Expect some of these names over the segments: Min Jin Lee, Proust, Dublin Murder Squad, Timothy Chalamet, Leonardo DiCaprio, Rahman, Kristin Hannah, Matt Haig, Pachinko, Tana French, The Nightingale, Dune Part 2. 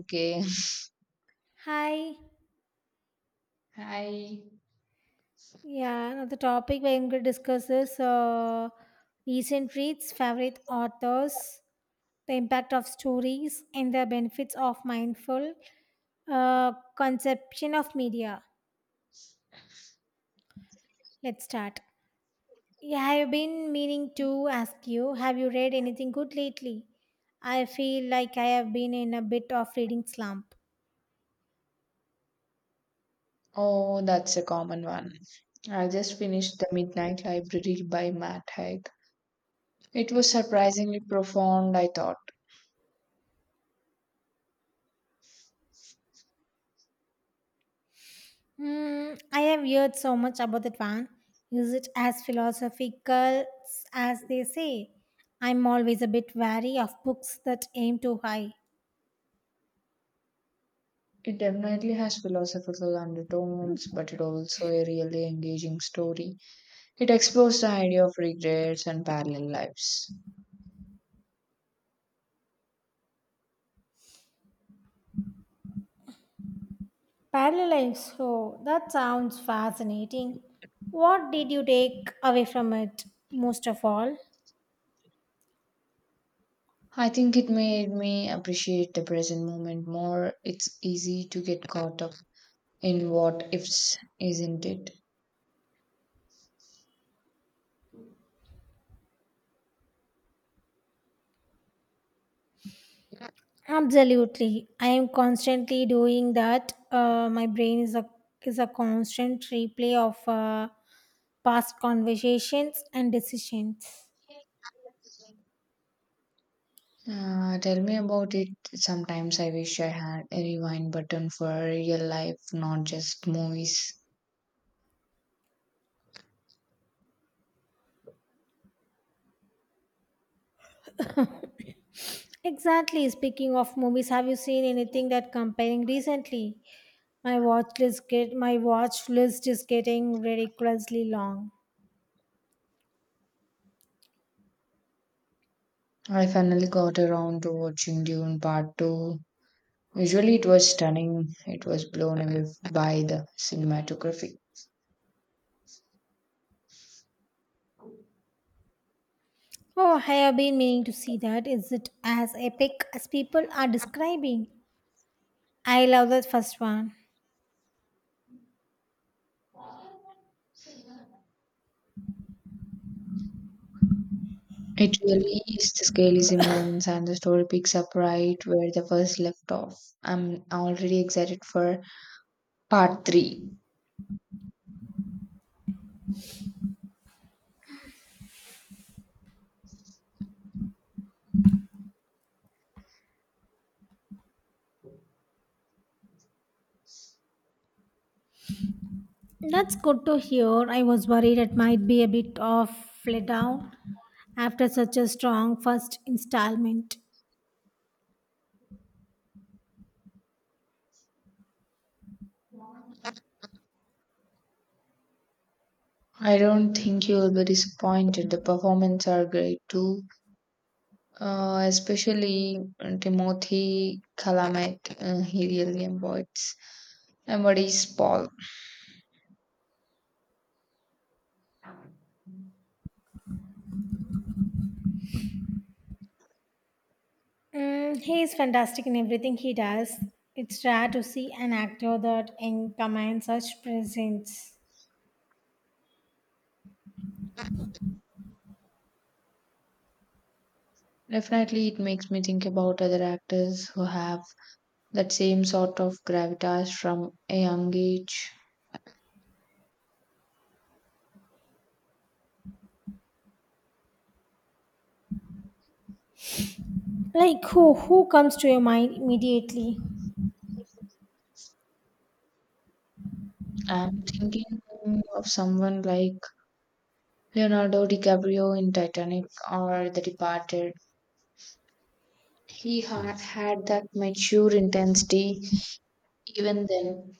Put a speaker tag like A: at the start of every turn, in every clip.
A: Okay.
B: Hi.
A: Hi.
B: Yeah, now the topic we're going to discuss is recent reads, favorite authors, the impact of stories, and the benefits of mindful uh, conception of media. Let's start. Yeah, I've been meaning to ask you, have you read anything good lately? I feel like I have been in a bit of reading slump.
A: Oh, that's a common one. I just finished The Midnight Library by Matt Haig. It was surprisingly profound, I thought.
B: Mm, I have heard so much about that one. Is it as philosophical as they say? I'm always a bit wary of books that aim too high.
A: It definitely has philosophical undertones, but it also a really engaging story. It explores the idea of regrets and parallel lives.
B: Parallel lives. Oh, that sounds fascinating. What did you take away from it most of all?
A: I think it made me appreciate the present moment more. It's easy to get caught up in what ifs, isn't it?
B: Absolutely. I am constantly doing that. My brain is a constant replay of past conversations and decisions.
A: Tell me about it. Sometimes I wish I had a rewind button for real life, not just movies.
B: Exactly. Speaking of movies, have you seen anything that comparing recently? My watch list is getting ridiculously long.
A: I finally got around to watching Dune Part 2. Usually it was stunning, it was blown away by the cinematography.
B: Oh, I have been meaning to see that. Is it as epic as people are describing? I love that first one.
A: It really is. The scale is immense, and the story picks up right where the first left off. I'm already excited for Part 3.
B: That's good to hear. I was worried it might be a bit of let down after such a strong first installment.
A: I don't think you'll be disappointed. The performances are great too, especially Timothy Chalamet, he really embodies Paul.
B: Mm, he is fantastic in everything he does. It's rare to see an actor that commands such presence.
A: Definitely, it makes me think about other actors who have that same sort of gravitas from a young age.
B: Like who? Who comes to your mind immediately?
A: I'm thinking of someone like Leonardo DiCaprio in Titanic or The Departed. He had that mature intensity even then.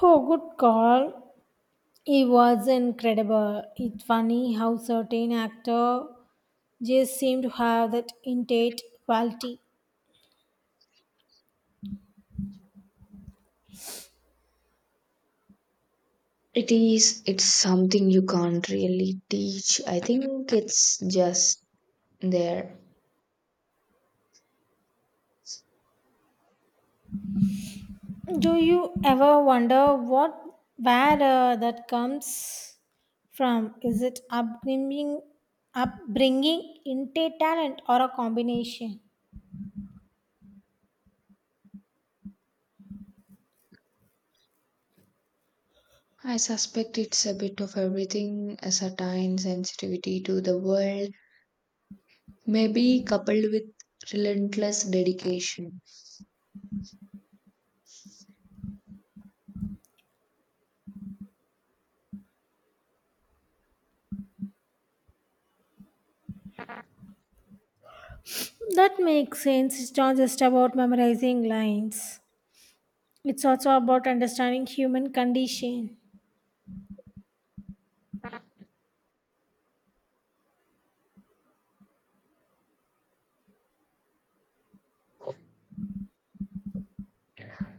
B: Oh, good call. He was incredible. It's funny how certain actor just seem to have that innate quality.
A: It is, it's something you can't really teach. I think it's just there.
B: Do you ever wonder what where that comes from? Is it upbringing, upbringing, innate talent, or a combination?
A: I suspect it's a bit of everything, a certain sensitivity to the world, maybe coupled with relentless dedication.
B: That makes sense. It's not just about memorizing lines. It's also about understanding human condition.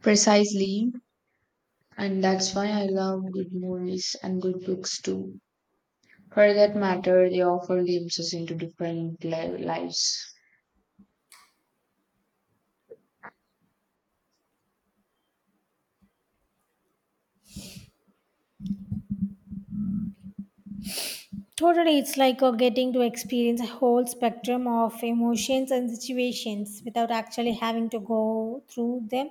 A: Precisely, and that's why I love good movies and good books too. For that matter, they offer glimpses into different lives.
B: Totally, it's like getting to experience a whole spectrum of emotions and situations without actually having to go through them.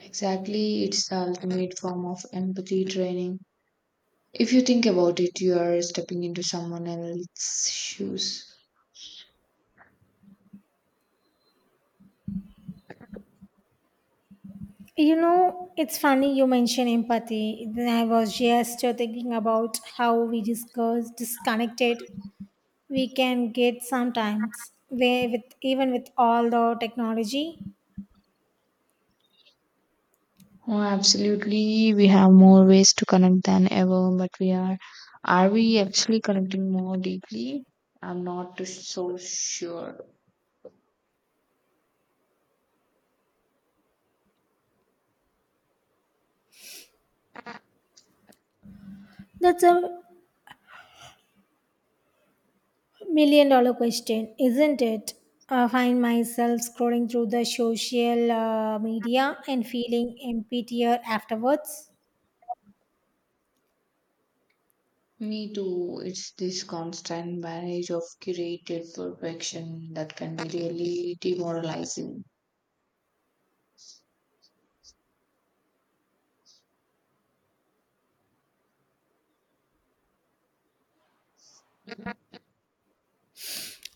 A: Exactly, it's the ultimate form of empathy training. If you think about it, you are stepping into someone else's shoes.
B: You know, it's funny you mention empathy. Then I was just thinking about how we discuss disconnected we can get sometimes. Where with even with all the technology,
A: Oh, absolutely. We have more ways to connect than ever, but we are we actually connecting more deeply? I'm not so sure.
B: that's a million dollar question, isn't it? I find myself scrolling through the social media and feeling emptier afterwards.
A: Me too. It's this constant barrage of curated perfection that can be really demoralizing.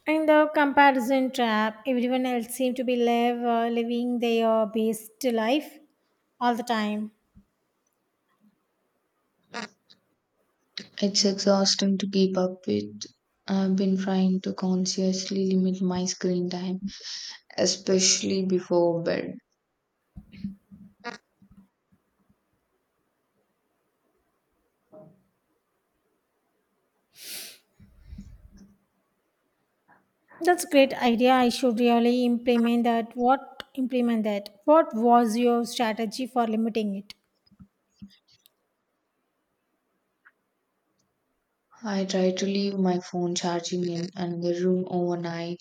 B: In the comparison trap, everyone else seems to be live, living their best life all the time.
A: It's exhausting to keep up with. I've been trying to consciously limit my screen time, especially before bed.
B: That's a great idea. I should really implement that. What implement that? What was your strategy for limiting it?
A: I try to leave my phone charging in another room overnight.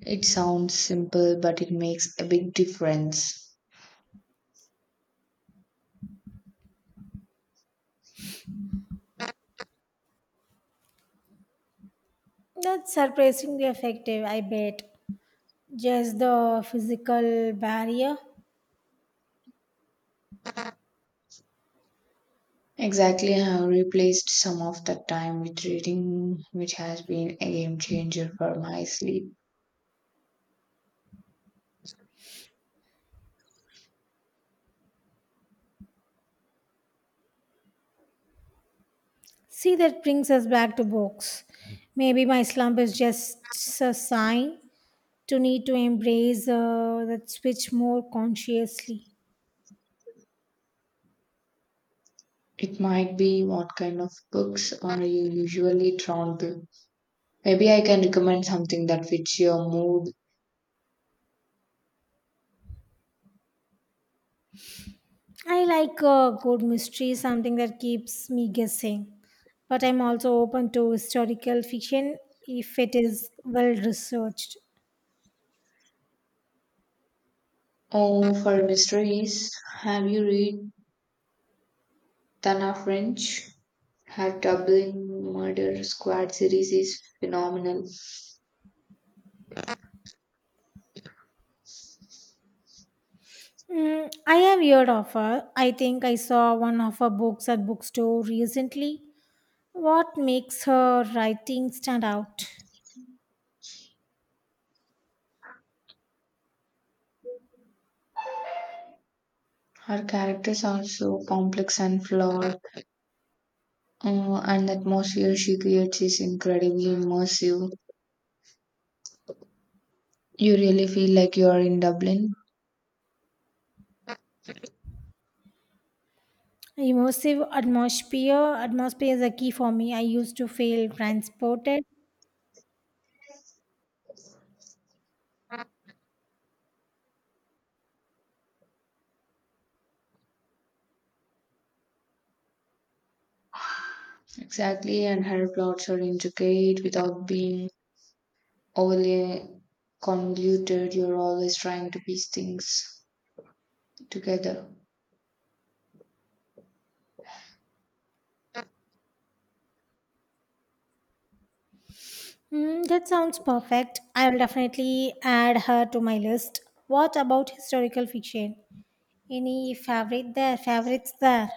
A: It sounds simple, but it makes a big difference.
B: That's surprisingly effective, I bet. Just the physical barrier.
A: Exactly, I have replaced some of that time with reading, which has been a game changer for my sleep.
B: See, that brings us back to books. Maybe my slump is just a sign to need to embrace that switch more consciously.
A: It might be what kind of books are you usually drawn to. Maybe I can recommend something that fits your mood.
B: I like a good mystery, something that keeps me guessing. But I'm also open to historical fiction if it is well researched.
A: Oh, for mysteries, have you read Tana French? Her Dublin Murder Squad series is phenomenal.
B: Mm, I have heard of her. I think I saw one of her books at bookstore recently. What makes her writing stand out?
A: Her characters are so complex and flawed, and the atmosphere she creates is incredibly immersive. You really feel like you are in Dublin.
B: Immersive atmosphere. Atmosphere is a key for me. I used to feel transported.
A: Exactly, and her plots are intricate without being overly convoluted. You're always trying to piece things together.
B: Mm, that sounds perfect. I will definitely add her to my list. What about historical fiction? Any favorite there? Favorites there?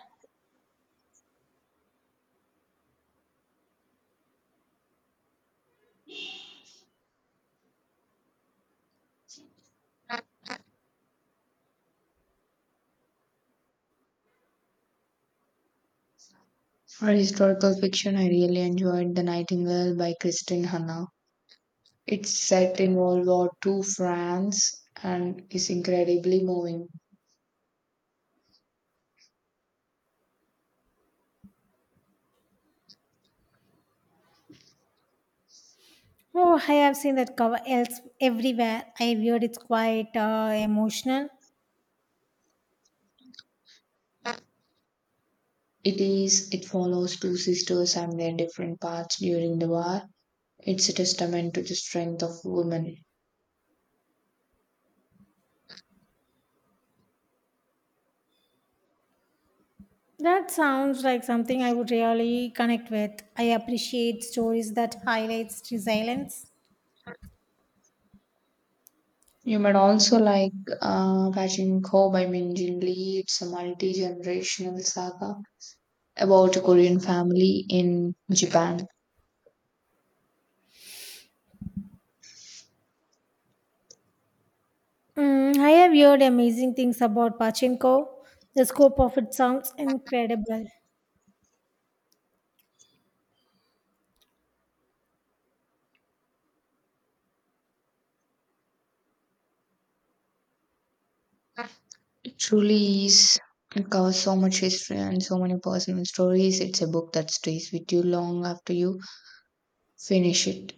A: For historical fiction, I really enjoyed The Nightingale by Kristin Hanna. It's set in World War Two France and is incredibly moving.
B: Oh, I have seen that cover else everywhere. I heard it's quite emotional.
A: It is it follows two sisters and their different paths during the war. It's a testament to the strength of women.
B: That sounds like something I would really connect with. I appreciate stories that highlights resilience.
A: You might also like Pachinko by Min Jin Lee. It's a multi-generational saga about a Korean family in Japan.
B: Mm, I have heard amazing things about Pachinko. The scope of it sounds incredible.
A: It truly is. It covers so much history and so many personal stories. It's a book that stays with you long after you finish it.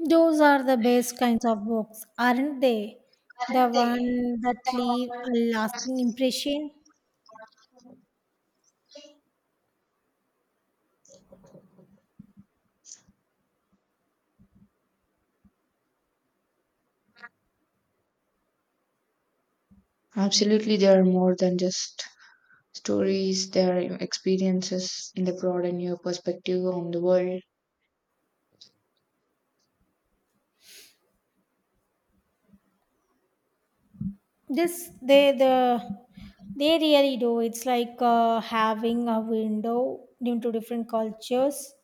B: Those are the best kinds of books, aren't they? The one that leave a lasting impression.
A: Absolutely, they are more than just stories, they are experiences. They broaden your perspective on the world
B: This they the they really do. It's like having a window into different cultures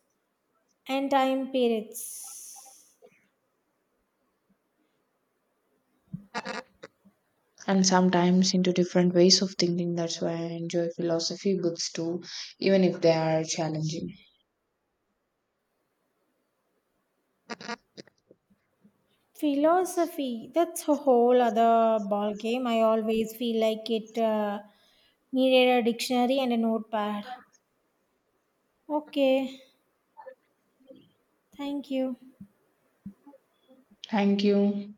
B: and time periods.
A: and sometimes into different ways of thinking. That's why I enjoy philosophy books too, even if they are challenging.
B: Philosophy, that's a whole other ball game. I always feel like it needed a dictionary and a notepad. Okay, thank you.
A: Thank you.